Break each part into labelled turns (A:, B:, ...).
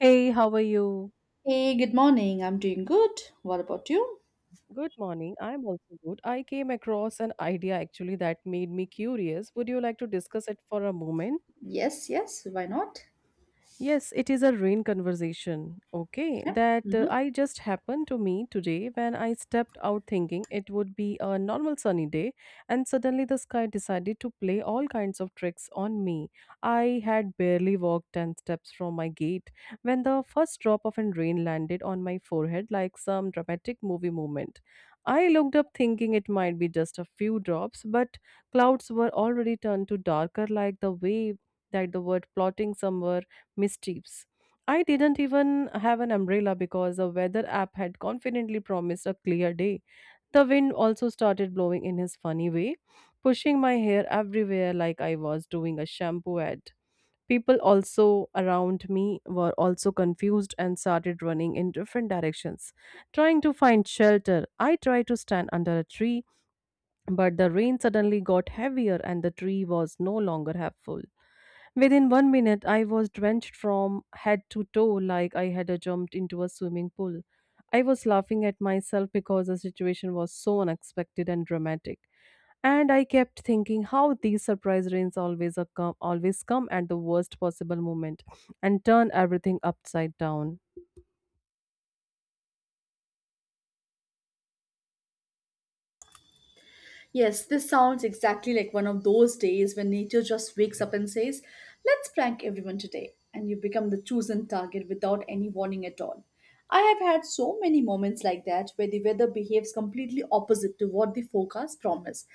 A: Hey, how are you?
B: Hey, good morning. I'm doing good. What about you?
A: Good morning. I'm also good. I came across an idea actually that made me curious. Would you like to discuss it for a moment?
B: Yes, yes, why not?
A: Yes, it is a rain conversation, okay,
B: Yeah.
A: that
B: Mhm.
A: I just happened to me today when I stepped out thinking it would be a normal sunny day, and suddenly the sky decided to play all kinds of tricks on me. I had barely walked 10 steps from my gate when the first drop of rain landed on my forehead like some dramatic movie moment. I looked up thinking it might be just a few drops, but clouds were already turned to darker like the way that the word plotting somewhere mischiefs. I didn't even have an umbrella because the weather app had confidently promised a clear day. The wind also started blowing in his funny way, pushing my hair everywhere like I was doing a shampoo ad. People also around me were also confused and started running in different directions, trying to find shelter. I tried to stand under a tree, but the rain suddenly got heavier and the tree was no longer helpful. Within 1 minute, I was drenched from head to toe like I had jumped into a swimming pool. I was laughing at myself because the situation was so unexpected and dramatic. And I kept thinking how these surprise rains always always come at the worst possible moment and turn everything upside down.
B: Yes, this sounds exactly like one of those days when nature just wakes up and says, "Let's prank everyone today." And you become the chosen target without any warning at all. I have had so many moments like that where the weather behaves completely opposite to what the forecast promised.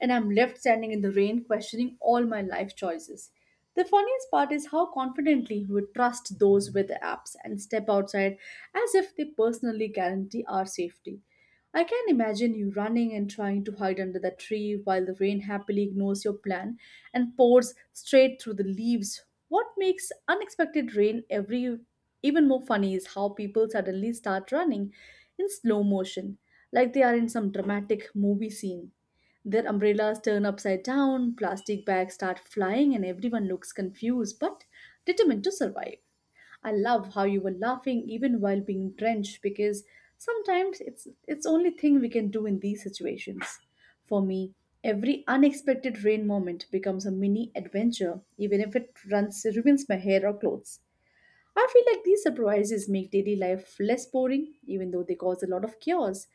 B: And I'm left standing in the rain questioning all my life choices. The funniest part is how confidently we trust those weather apps and step outside as if they personally guarantee our safety. I can imagine you running and trying to hide under the tree while the rain happily ignores your plan and pours straight through the leaves. What makes unexpected rain every even more funny is how people suddenly start running in slow motion, like they are in some dramatic movie scene. Their umbrellas turn upside down, plastic bags start flying, and everyone looks confused but determined to survive. I love how you were laughing even while being drenched because sometimes it's only thing we can do in these situations. For me, every unexpected rain moment becomes a mini adventure even if it runs ruins my hair or clothes. I feel like these surprises make daily life less boring even though they cause a lot of chaos.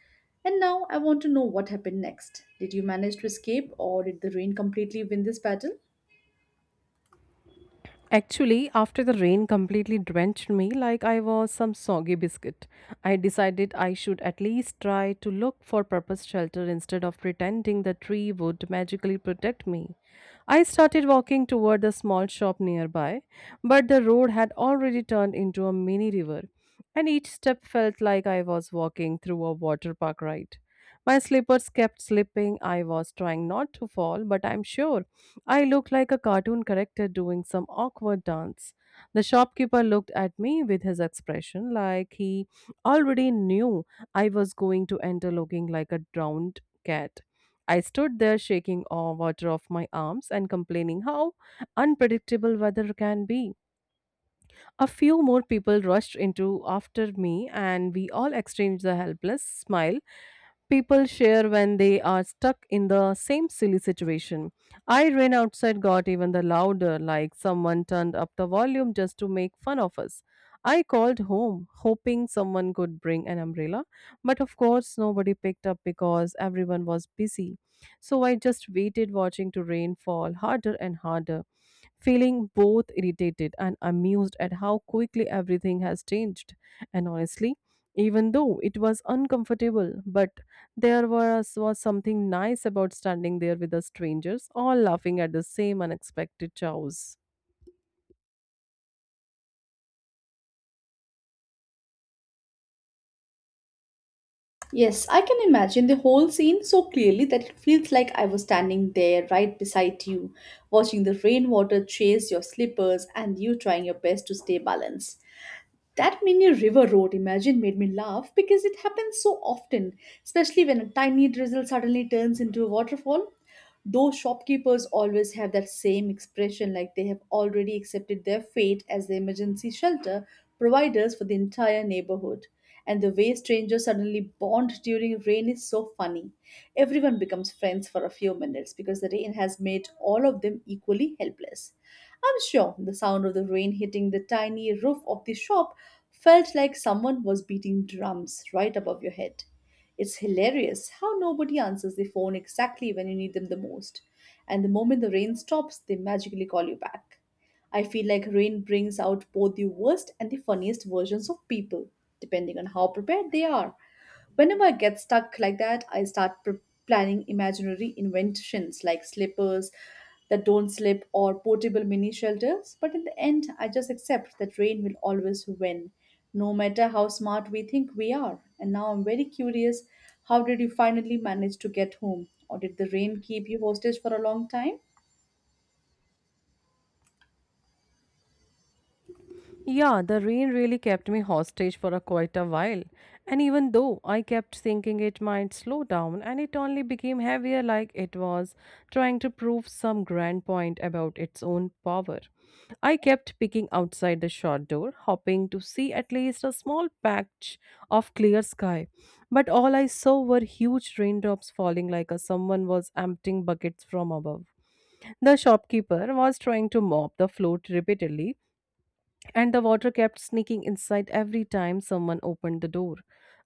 B: And now I want to know what happened next. Did you manage to escape, or did the rain completely win this battle?
A: Actually, after the rain completely drenched me like I was some soggy biscuit, I decided I should at least try to look for proper shelter instead of pretending the tree would magically protect me. I started walking toward the small shop nearby, but the road had already turned into a mini river, and each step felt like I was walking through a water park ride. My slippers kept slipping. I was trying not to fall, but I'm sure I looked like a cartoon character doing some awkward dance. The shopkeeper looked at me with his expression like he already knew I was going to enter looking like a drowned cat. I stood there shaking all water off my arms and complaining how unpredictable weather can be. A few more people rushed into after me, and we all exchanged the helpless smile people share when they are stuck in the same silly situation. I ran outside, got even the louder, like someone turned up the volume just to make fun of us. I called home, hoping someone could bring an umbrella, but of course, nobody picked up because everyone was busy. So I just waited, watching to rain fall harder and harder feeling both irritated and amused at how quickly everything has changed. And honestly, even though it was uncomfortable, but there was something nice about standing there with the strangers, all laughing at the same unexpected chows.
B: Yes, I can imagine the whole scene so clearly that it feels like I was standing there right beside you, watching the rainwater chase your slippers and you trying your best to stay balanced. That mini river road imagine made me laugh because it happens so often, especially when a tiny drizzle suddenly turns into a waterfall. Those shopkeepers always have that same expression, like they have already accepted their fate as the emergency shelter providers for the entire neighborhood. And the way strangers suddenly bond during rain is so funny. Everyone becomes friends for a few minutes because the rain has made all of them equally helpless. I'm sure the sound of the rain hitting the tiny roof of the shop felt like someone was beating drums right above your head. It's hilarious how nobody answers the phone exactly when you need them the most, and the moment the rain stops, they magically call you back. I feel like rain brings out both the worst and the funniest versions of people, depending on how prepared they are. Whenever I get stuck like that, I start planning imaginary inventions like slippers that don't slip or portable mini shelters. But in the end, I just accept that rain will always win, no matter how smart we think we are. And now I'm very curious, how did you finally manage to get home? Or did the rain keep you hostage for a long time?
A: Yeah, the rain really kept me hostage for a quite a while. And even though I kept thinking it might slow down, and it only became heavier like it was trying to prove some grand point about its own power. I kept peeking outside the shop door, hoping to see at least a small patch of clear sky. But all I saw were huge raindrops falling like a someone was emptying buckets from above. The shopkeeper was trying to mop the floor repeatedly and the water kept sneaking inside every time someone opened the door.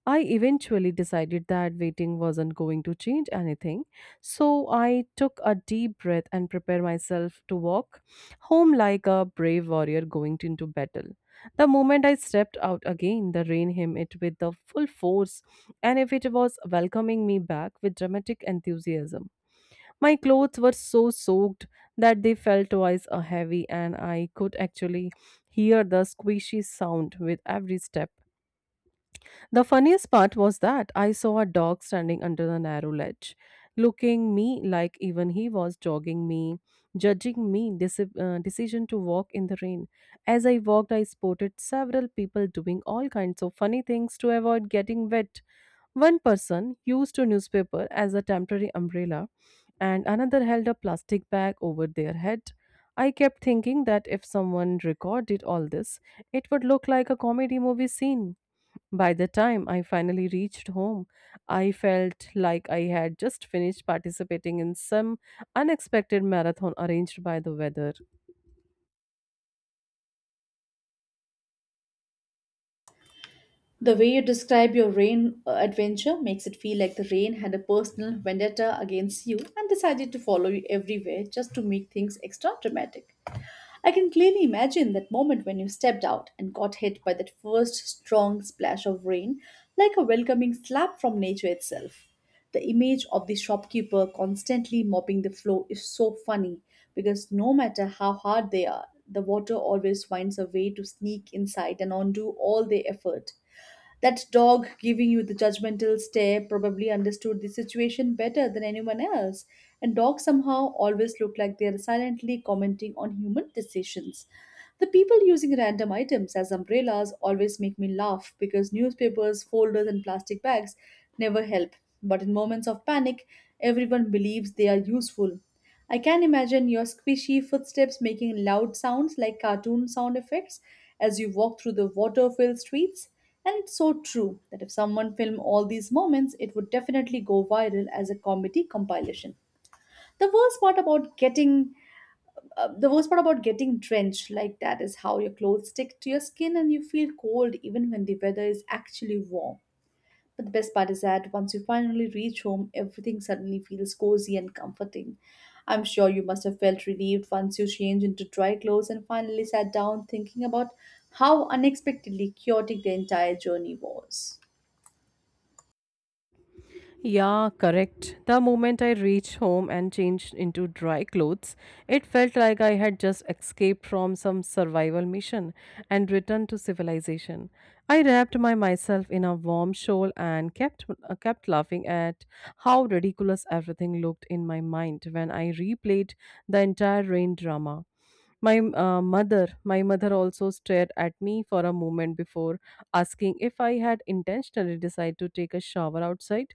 A: I eventually decided that waiting wasn't going to change anything, so I took a deep breath and prepared myself to walk home like a brave warrior going into battle. The moment I stepped out again, the rain hit it with the full force, and if it was welcoming me back with dramatic enthusiasm. My clothes were so soaked that they felt twice as heavy, and I could actually hear the squishy sound with every step. The funniest part was that I saw a dog standing under the narrow ledge, looking me like even he was jogging me, judging me decision to walk in the rain. As I walked, I spotted several people doing all kinds of funny things to avoid getting wet. One person used a newspaper as a temporary umbrella, and another held a plastic bag over their head. I kept thinking that if someone recorded all this, it would look like a comedy movie scene. By the time I finally reached home, I felt like I had just finished participating in some unexpected marathon arranged by the weather.
B: The way you describe your rain adventure makes it feel like the rain had a personal vendetta against you and decided to follow you everywhere just to make things extra dramatic. I can clearly imagine that moment when you stepped out and got hit by that first strong splash of rain, like a welcoming slap from nature itself. The image of the shopkeeper constantly mopping the floor is so funny because no matter how hard they are, the water always finds a way to sneak inside and undo all their effort. That dog giving you the judgmental stare probably understood the situation better than anyone else, and dogs somehow always look like they are silently commenting on human decisions. The people using random items as umbrellas always make me laugh because newspapers, folders, and plastic bags never help. But in moments of panic, everyone believes they are useful. I can imagine your squishy footsteps making loud sounds like cartoon sound effects as you walk through the water filled streets. And it's so true that if someone filmed all these moments, it would definitely go viral as a comedy compilation. The worst part about getting the worst part about getting drenched like that is how your clothes stick to your skin and you feel cold even when the weather is actually warm. But the best part is that once you finally reach home, everything suddenly feels cozy and comforting. I'm sure you must have felt relieved once you changed into dry clothes and finally sat down thinking about how unexpectedly chaotic the entire journey was.
A: Yeah, correct. The moment I reached home and changed into dry clothes, it felt like I had just escaped from some survival mission and returned to civilization. I wrapped my myself in a warm shawl and kept laughing at how ridiculous everything looked in my mind when I replayed the entire rain drama. My mother also stared at me for a moment before asking if I had intentionally decided to take a shower outside,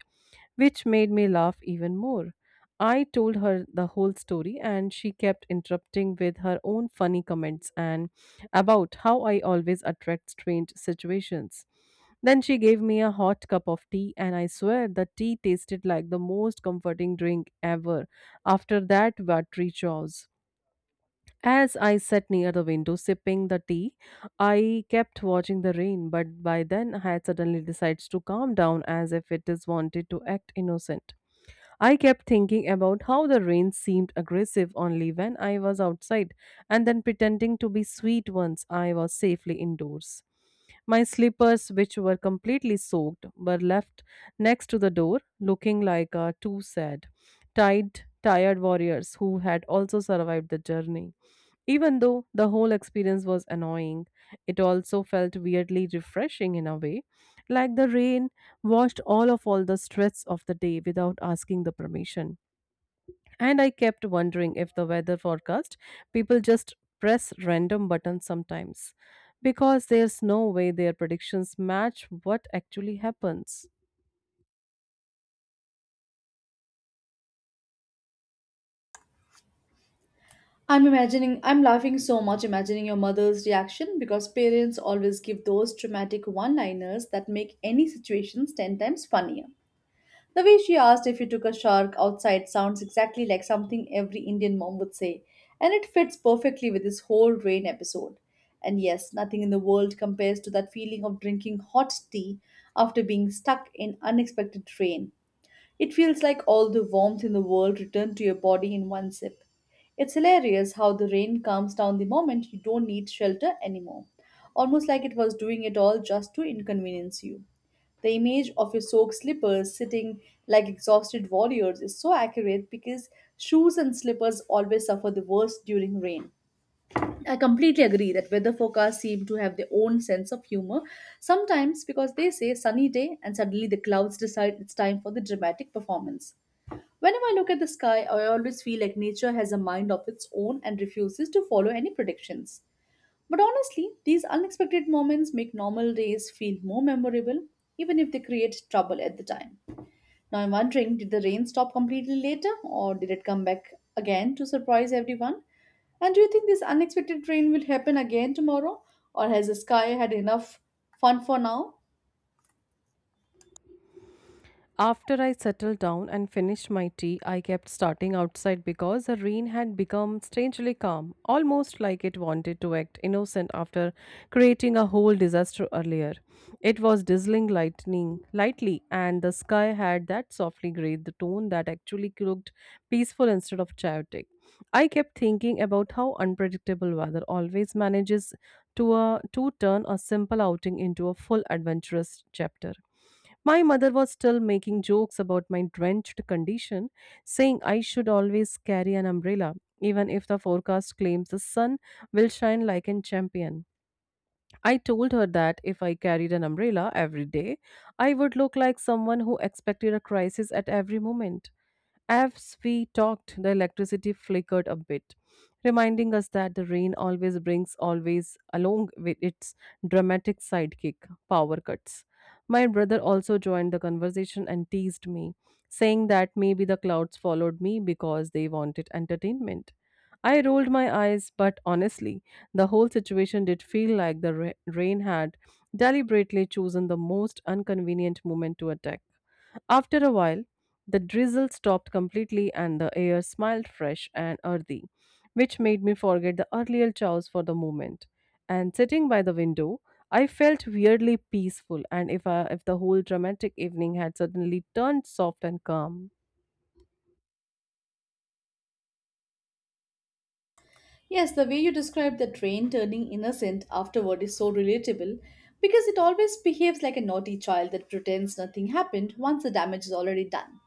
A: which made me laugh even more. I told her the whole story and she kept interrupting with her own funny comments and about how I always attract strange situations. Then she gave me a hot cup of tea, and I swear the tea tasted like the most comforting drink ever after that watery chores. As I sat near the window sipping the tea, I kept watching the rain, but by then I had suddenly decided to calm down as if it is wanted to act innocent. I kept thinking about how the rain seemed aggressive only when I was outside, and then pretending to be sweet once I was safely indoors. My slippers, which were completely soaked, were left next to the door, looking like two sad, tired warriors who had also survived the journey. Even though the whole experience was annoying, it also felt weirdly refreshing in a way, like the rain washed all the stress of the day without asking the permission. And I kept wondering if the weather forecast people just press random buttons sometimes because there's no way their predictions match what actually happens.
B: I'm laughing so much imagining your mother's reaction because parents always give those dramatic one liners that make any situations 10 times funnier. The way she asked if you took a shark outside sounds exactly like something every Indian mom would say, and it fits perfectly with this whole rain episode. And yes, nothing in the world compares to that feeling of drinking hot tea after being stuck in unexpected rain. It feels like all the warmth in the world returned to your body in one sip. It's hilarious how the rain calms down the moment you don't need shelter anymore, almost like it was doing it all just to inconvenience you. The image of your soaked slippers sitting like exhausted warriors is so accurate because shoes and slippers always suffer the worst during rain. I completely agree that weather forecasts seem to have their own sense of humor sometimes, because they say sunny day and suddenly the clouds decide it's time for the dramatic performance. Whenever I look at the sky, I always feel like nature has a mind of its own and refuses to follow any predictions. But honestly, these unexpected moments make normal days feel more memorable, even if they create trouble at the time. Now I'm wondering, did the rain stop completely later, or did it come back again to surprise everyone? And do you think this unexpected rain will happen again tomorrow, or has the sky had enough fun for now?
A: After I settled down and finished my tea, I kept starting outside because the rain had become strangely calm, almost like it wanted to act innocent after creating a whole disaster earlier. It was drizzling lightning lightly, and the sky had that softly gray tone that actually looked peaceful instead of chaotic. I kept thinking about how unpredictable weather always manages to turn a simple outing into a full adventurous chapter. My mother was still making jokes about my drenched condition, saying I should always carry an umbrella, even if the forecast claims the sun will shine like a champion. I told her that if I carried an umbrella every day, I would look like someone who expected a crisis at every moment. As we talked, the electricity flickered a bit, reminding us that the rain always brings always along with its dramatic sidekick, power cuts. My brother also joined the conversation and teased me, saying that maybe the clouds followed me because they wanted entertainment. I rolled my eyes, but honestly, the whole situation did feel like the rain had deliberately chosen the most inconvenient moment to attack. After a while, the drizzle stopped completely and the air smiled fresh and earthy, which made me forget the earlier chows for the moment. And sitting by the window, I felt weirdly peaceful, and if the whole dramatic evening had suddenly turned soft and calm.
B: Yes, the way you describe that rain turning innocent afterward is so relatable because it always behaves like a naughty child that pretends nothing happened once the damage is already done.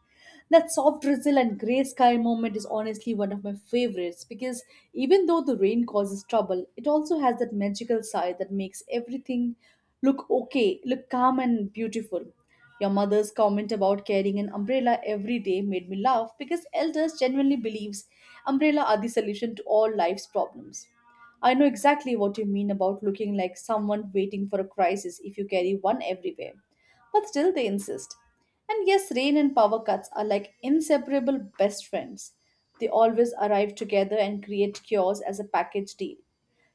B: That soft drizzle and gray sky moment is honestly one of my favorites because even though the rain causes trouble, it also has that magical side that makes everything look okay, look calm and beautiful. Your mother's comment about carrying an umbrella every day made me laugh because elders genuinely believes umbrella are the solution to all life's problems. I know exactly what you mean about looking like someone waiting for a crisis if you carry one everywhere, but still they insist. And yes, rain and power cuts are like inseparable best friends. They always arrive together and create cures as a package deal.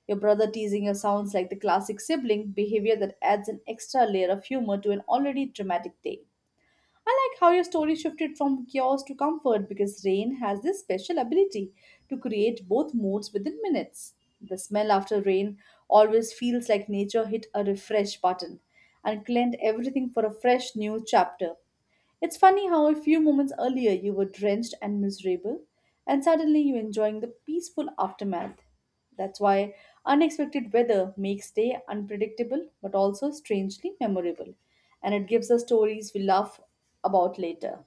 B: Your brother teasing you sounds like the classic sibling behavior that adds an extra layer of humor to an already dramatic day. I like how your story shifted from chaos to comfort because rain has this special ability to create both moods within minutes. The smell after rain always feels like nature hit a refresh button and cleaned everything for a fresh new chapter. It's funny how a few moments earlier you were drenched and miserable, and suddenly you're enjoying the peaceful aftermath. That's why unexpected weather makes day unpredictable but also strangely memorable, and it gives us stories we laugh about later.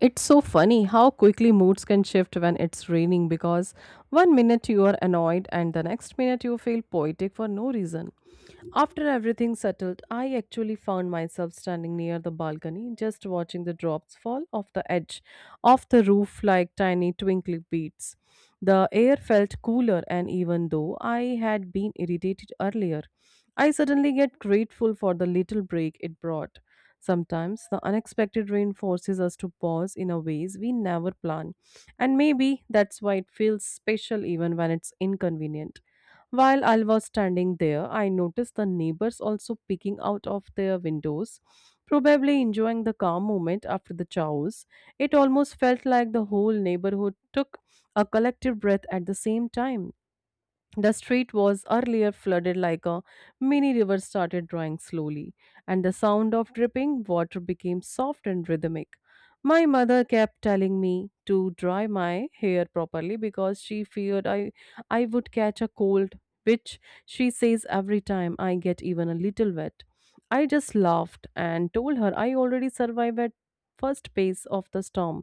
A: It's so funny how quickly moods can shift when it's raining because one minute you are annoyed and the next minute you feel poetic for no reason. After everything settled, I actually found myself standing near the balcony, just watching the drops fall off the edge of the roof like tiny twinkling beads. The air felt cooler, and even though I had been irritated earlier, I suddenly get grateful for the little break it brought. Sometimes the unexpected rain forces us to pause in a ways we never plan, and maybe that's why it feels special even when it's inconvenient. While I was standing there, I noticed the neighbors also peeking out of their windows, probably enjoying the calm moment after the chows. It almost felt like the whole neighborhood took a collective breath at the same time. The street was earlier flooded like a mini river started drawing slowly, and the sound of dripping water became soft and rhythmic. My mother kept telling me to dry my hair properly because she feared I would catch a cold, which she says every time I get even a little wet. I just laughed and told her I already survived at first pace of the storm,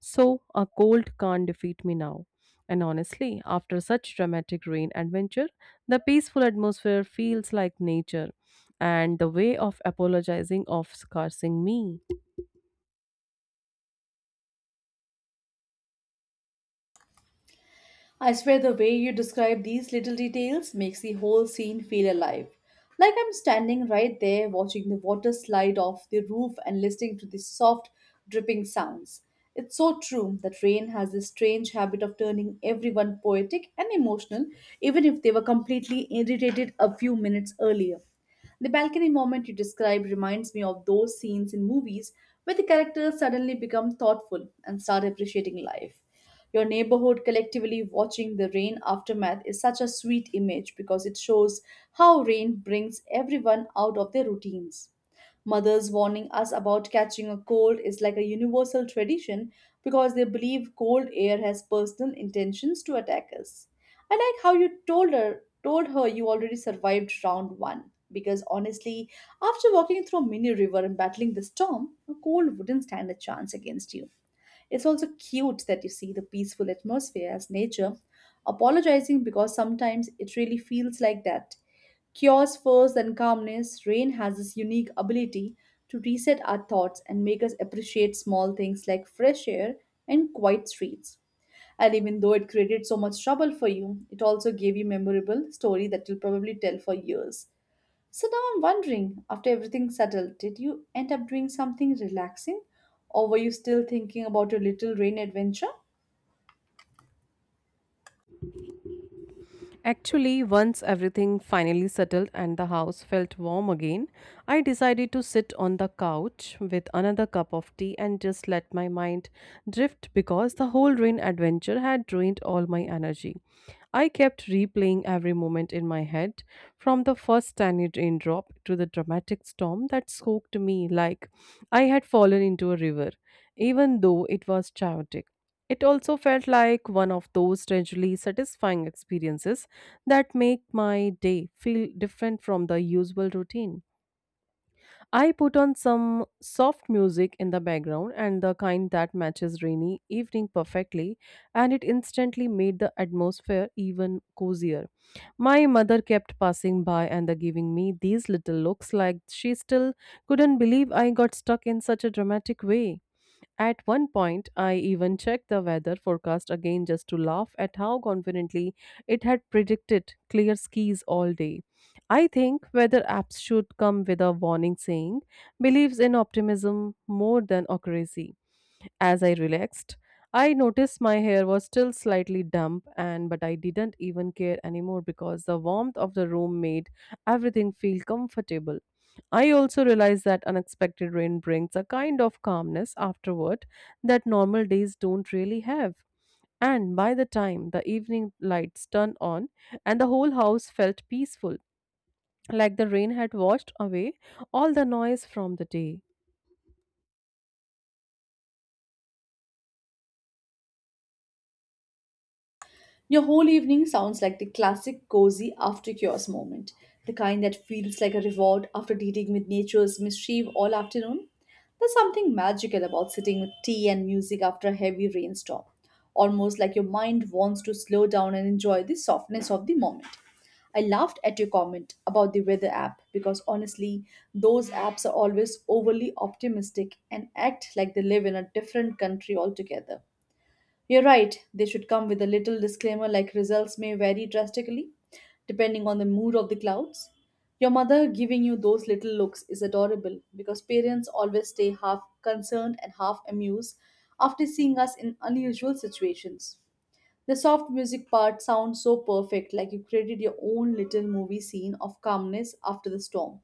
A: so a cold can't defeat me now. And honestly, after such dramatic rain adventure, the peaceful atmosphere feels like nature and the way of apologizing of scarcing me.
B: I swear the way you describe these little details makes the whole scene feel alive. Like I'm standing right there watching the water slide off the roof and listening to the soft dripping sounds. It's so true that rain has this strange habit of turning everyone poetic and emotional, even if they were completely irritated a few minutes earlier. The balcony moment you described reminds me of those scenes in movies where the characters suddenly become thoughtful and start appreciating life. Your neighborhood collectively watching the rain aftermath is such a sweet image because it shows how rain brings everyone out of their routines. Mothers warning us about catching a cold is like a universal tradition because they believe cold air has personal intentions to attack us. I like how you told her you already survived round one because honestly, after walking through a mini river and battling the storm, a cold wouldn't stand a chance against you. It's also cute that you see the peaceful atmosphere as nature, apologizing, because sometimes it really feels like that. Chaos first, then calmness. Rain has this unique ability to reset our thoughts and make us appreciate small things like fresh air and quiet streets. And even though it created so much trouble for you, it also gave you memorable story that you'll probably tell for years. So now I'm wondering, after everything settled, did you end up doing something relaxing? Or were you still thinking about your little rain adventure?
A: Actually, once everything finally settled and the house felt warm again, I decided to sit on the couch with another cup of tea and just let my mind drift because the whole rain adventure had drained all my energy. I kept replaying every moment in my head, from the first tiny raindrop to the dramatic storm that soaked me like I had fallen into a river, even though it was chaotic. It also felt like one of those strangely satisfying experiences that make my day feel different from the usual routine. I put on some soft music in the background and the kind that matches rainy evening perfectly, and it instantly made the atmosphere even cozier. My mother kept passing by and the giving me these little looks like she still couldn't believe I got stuck in such a dramatic way. At one point, I even checked the weather forecast again just to laugh at how confidently it had predicted clear skies all day. I think weather apps should come with a warning saying believes in optimism more than accuracy. As I relaxed, I noticed my hair was still slightly damp and but I didn't even care anymore because the warmth of the room made everything feel comfortable. I also realized that unexpected rain brings a kind of calmness afterward that normal days don't really have. And by the time the evening lights turned on and the whole house felt peaceful, like the rain had washed away all the noise from the day.
B: Your whole evening sounds like the classic cozy after cures moment, the kind that feels like a reward after dealing with nature's mischief all afternoon. There's something magical about sitting with tea and music after a heavy rainstorm, almost like your mind wants to slow down and enjoy the softness of the moment. I laughed at your comment about the weather app because honestly, those apps are always overly optimistic and act like they live in a different country altogether. You're right, they should come with a little disclaimer like results may vary drastically depending on the mood of the clouds. Your mother giving you those little looks is adorable because parents always stay half concerned and half amused after seeing us in unusual situations. The soft music part sounds so perfect, like you created your own little movie scene of calmness after the storm.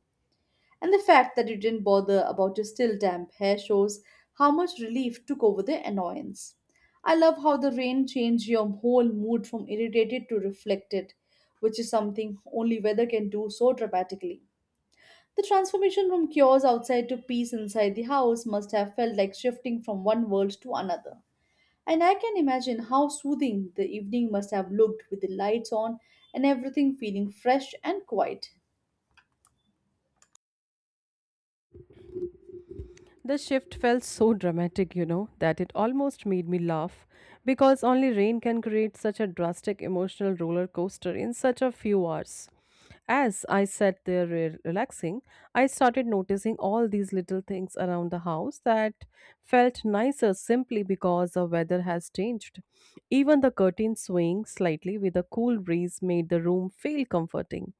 B: And the fact that you didn't bother about your still damp hair shows how much relief took over the annoyance. I love how the rain changed your whole mood from irritated to reflected, which is something only weather can do so dramatically. The transformation from chaos outside to peace inside the house must have felt like shifting from one world to another. And I can imagine how soothing the evening must have looked with the lights on and everything feeling fresh and quiet.
A: The shift felt so dramatic, you know, that it almost made me laugh because only rain can create such a drastic emotional roller coaster in such a few hours. As I sat there relaxing, I started noticing all these little things around the house that felt nicer simply because the weather has changed. Even the curtain swaying slightly with a cool breeze made the room feel comforting.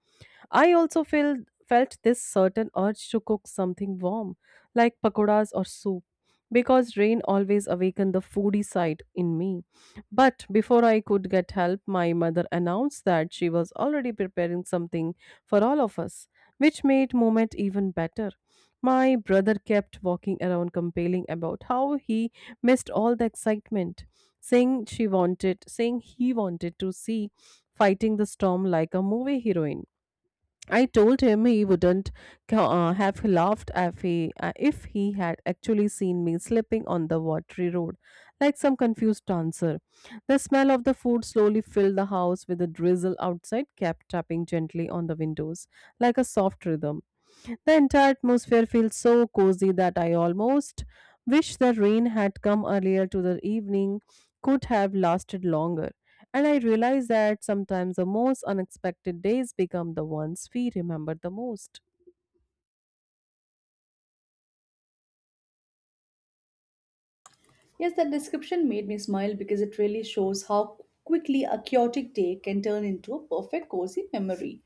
A: I also felt this certain urge to cook something warm, like pakoras or soup, because rain always awakened the foodie side in me. But before I could get help, my mother announced that she was already preparing something for all of us, which made moment even better. My brother kept walking around complaining about how he missed all the excitement, saying he wanted to see fighting the storm like a movie heroine. I told him he wouldn't have laughed if he had actually seen me slipping on the watery road like some confused dancer. The smell of the food slowly filled the house with a drizzle outside kept tapping gently on the windows like a soft rhythm. The entire atmosphere feels so cozy that I almost wish the rain had come earlier to the evening could have lasted longer. And I realize that sometimes the most unexpected days become the ones we remember the most.
B: Yes, that description made me smile because it really shows how quickly a chaotic day can turn into a perfect cozy memory.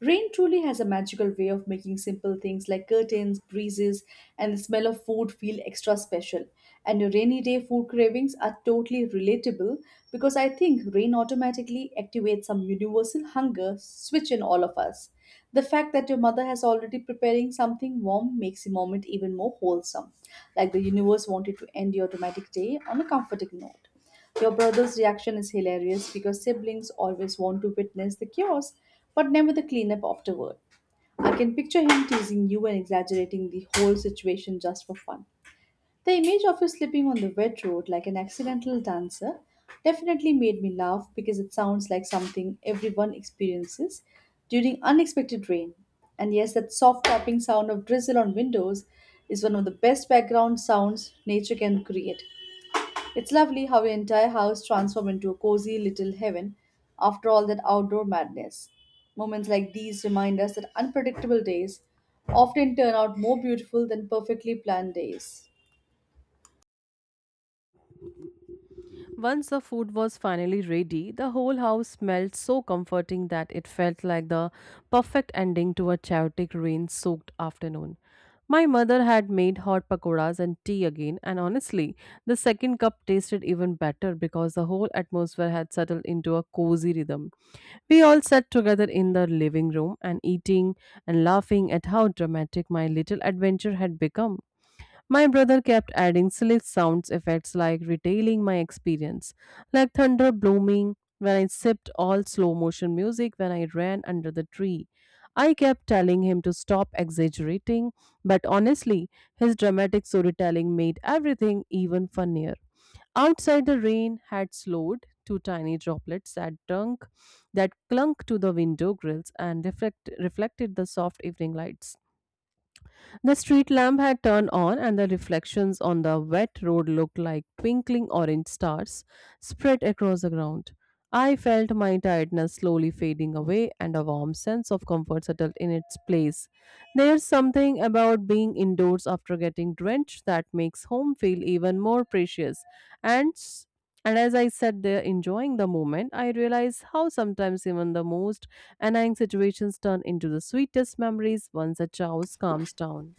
B: Rain truly has a magical way of making simple things like curtains, breezes, and the smell of food feel extra special. And your rainy day food cravings are totally relatable because I think rain automatically activates some universal hunger switch in all of us. The fact that your mother has already preparing something warm makes the moment even more wholesome, like the universe wanted to end your dramatic day on a comforting note. Your brother's reaction is hilarious because siblings always want to witness the chaos but never the cleanup afterward. I can picture him teasing you and exaggerating the whole situation just for fun. The image of you slipping on the wet road like an accidental dancer definitely made me laugh because it sounds like something everyone experiences during unexpected rain. And yes, that soft tapping sound of drizzle on windows is one of the best background sounds nature can create. It's lovely how your entire house transforms into a cozy little heaven after all that outdoor madness. Moments like these remind us that unpredictable days often turn out more beautiful than perfectly planned days.
A: Once the food was finally ready, the whole house smelled so comforting that it felt like the perfect ending to a chaotic rain soaked afternoon. My mother had made hot pakoras and tea again, and honestly, the second cup tasted even better because the whole atmosphere had settled into a cozy rhythm. We all sat together in the living room and eating and laughing at how dramatic my little adventure had become. My brother kept adding silly sound effects like retailing my experience, like thunder blooming when I sipped all slow motion music when I ran under the tree. I kept telling him to stop exaggerating, but honestly, his dramatic storytelling made everything even funnier. Outside the rain had slowed, two tiny droplets that dunk that clung to the window grills and reflected the soft evening lights. The street lamp had turned on, and the reflections on the wet road looked like twinkling orange stars spread across the ground. I felt my tiredness slowly fading away and a warm sense of comfort settled in its place. There's something about being indoors after getting drenched that makes home feel even more precious. And s- and as I sat there enjoying the moment, I realized how sometimes even the most annoying situations turn into the sweetest memories once a chaos calms down.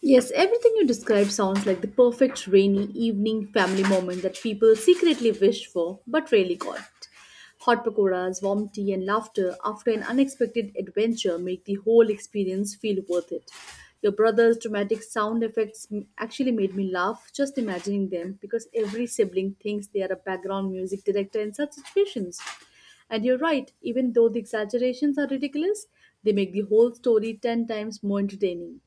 B: Yes, everything you describe sounds like the perfect rainy evening family moment that people secretly wish for but rarely got. Hot pakoras, warm tea, and laughter after an unexpected adventure make the whole experience feel worth it. Your brother's dramatic sound effects actually made me laugh just imagining them because every sibling thinks they are a background music director in such situations. And you're right, even though the exaggerations are ridiculous, they make the whole story 10 times more entertaining.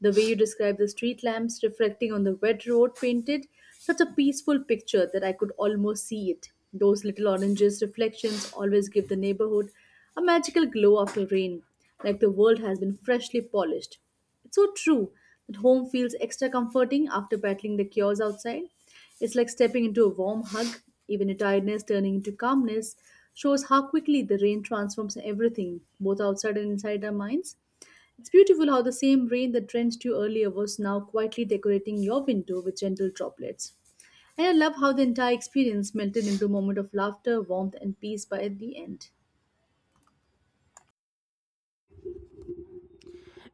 B: The way you describe the street lamps reflecting on the wet road painted such a peaceful picture that I could almost see it. Those little oranges reflections always give the neighborhood a magical glow after rain, like the world has been freshly polished. It's so true that home feels extra comforting after battling the chaos outside. It's like stepping into a warm hug, even a tiredness turning into calmness shows how quickly the rain transforms everything, both outside and inside our minds. It's beautiful how the same rain that drenched you earlier was now quietly decorating your window with gentle droplets. And I love how the entire experience melted into a moment of laughter, warmth, and peace by the end.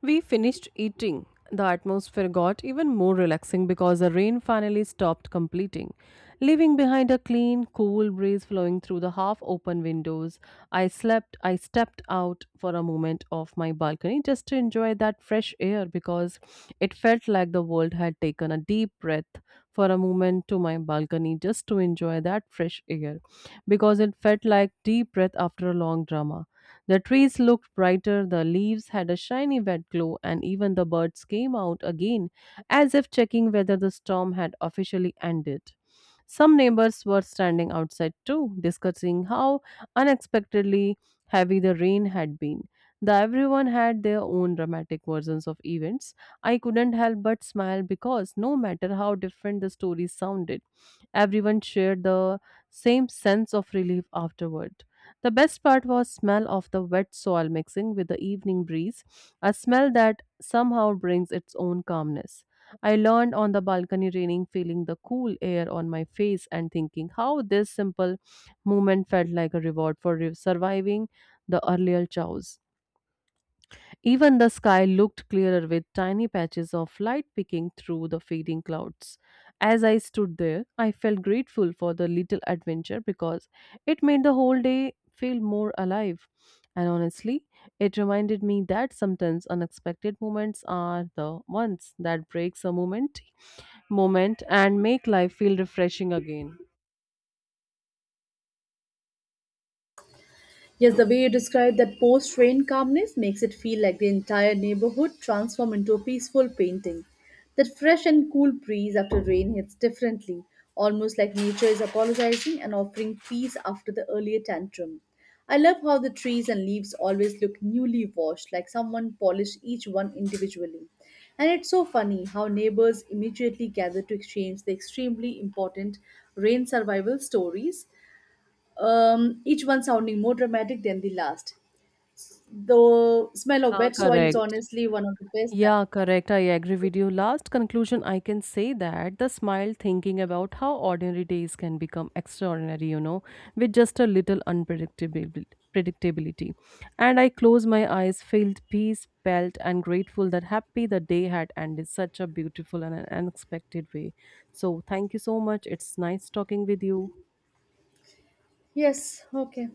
A: We finished eating. The atmosphere got even more relaxing because the rain finally stopped completing, leaving behind a clean, cool breeze flowing through the half open windows. I stepped out for a moment off my balcony just to enjoy that fresh air because it felt like the world had taken a deep breath for a moment to my balcony just to enjoy that fresh air because it felt like deep breath after a long drama. The trees looked brighter, the leaves had a shiny wet glow, and even the birds came out again as if checking whether the storm had officially ended. Some neighbors were standing outside too, discussing how unexpectedly heavy the rain had been. The everyone had their own dramatic versions of events. I couldn't help but smile because no matter how different the stories sounded, everyone shared the same sense of relief afterward. The best part was smell of the wet soil mixing with the evening breeze, a smell that somehow brings its own calmness. I learned on the balcony raining feeling the cool air on my face and thinking how this simple moment felt like a reward for surviving the earlier chaos. Even the sky looked clearer with tiny patches of light peeking through the fading clouds. As I stood there, I felt grateful for the little adventure because it made the whole day feel more alive. And honestly, it reminded me that sometimes unexpected moments are the ones that breaks a moment and make life feel refreshing again.
B: Yes, the way you describe that post rain calmness makes it feel like the entire neighborhood transformed into a peaceful painting. That fresh and cool breeze after rain hits differently, almost like nature is apologizing and offering peace after the earlier tantrum. I love how the trees and leaves always look newly washed, like someone polished each one individually. And it's so funny how neighbors immediately gather to exchange the extremely important rain survival stories, each one sounding more dramatic than the last. The smell of
A: Ah,
B: wet soil is
A: correct.
B: honestly one of the best. That—
A: Yeah, correct. I agree with you. Last conclusion, I can say that the smile thinking about how ordinary days can become extraordinary, you know, with just a little unpredictability. Predictability. And I closed my eyes, felt peace, felt and grateful that happy the day had ended such a beautiful and an unexpected way. So, thank you so much. It's nice talking with you.
B: yes, okay.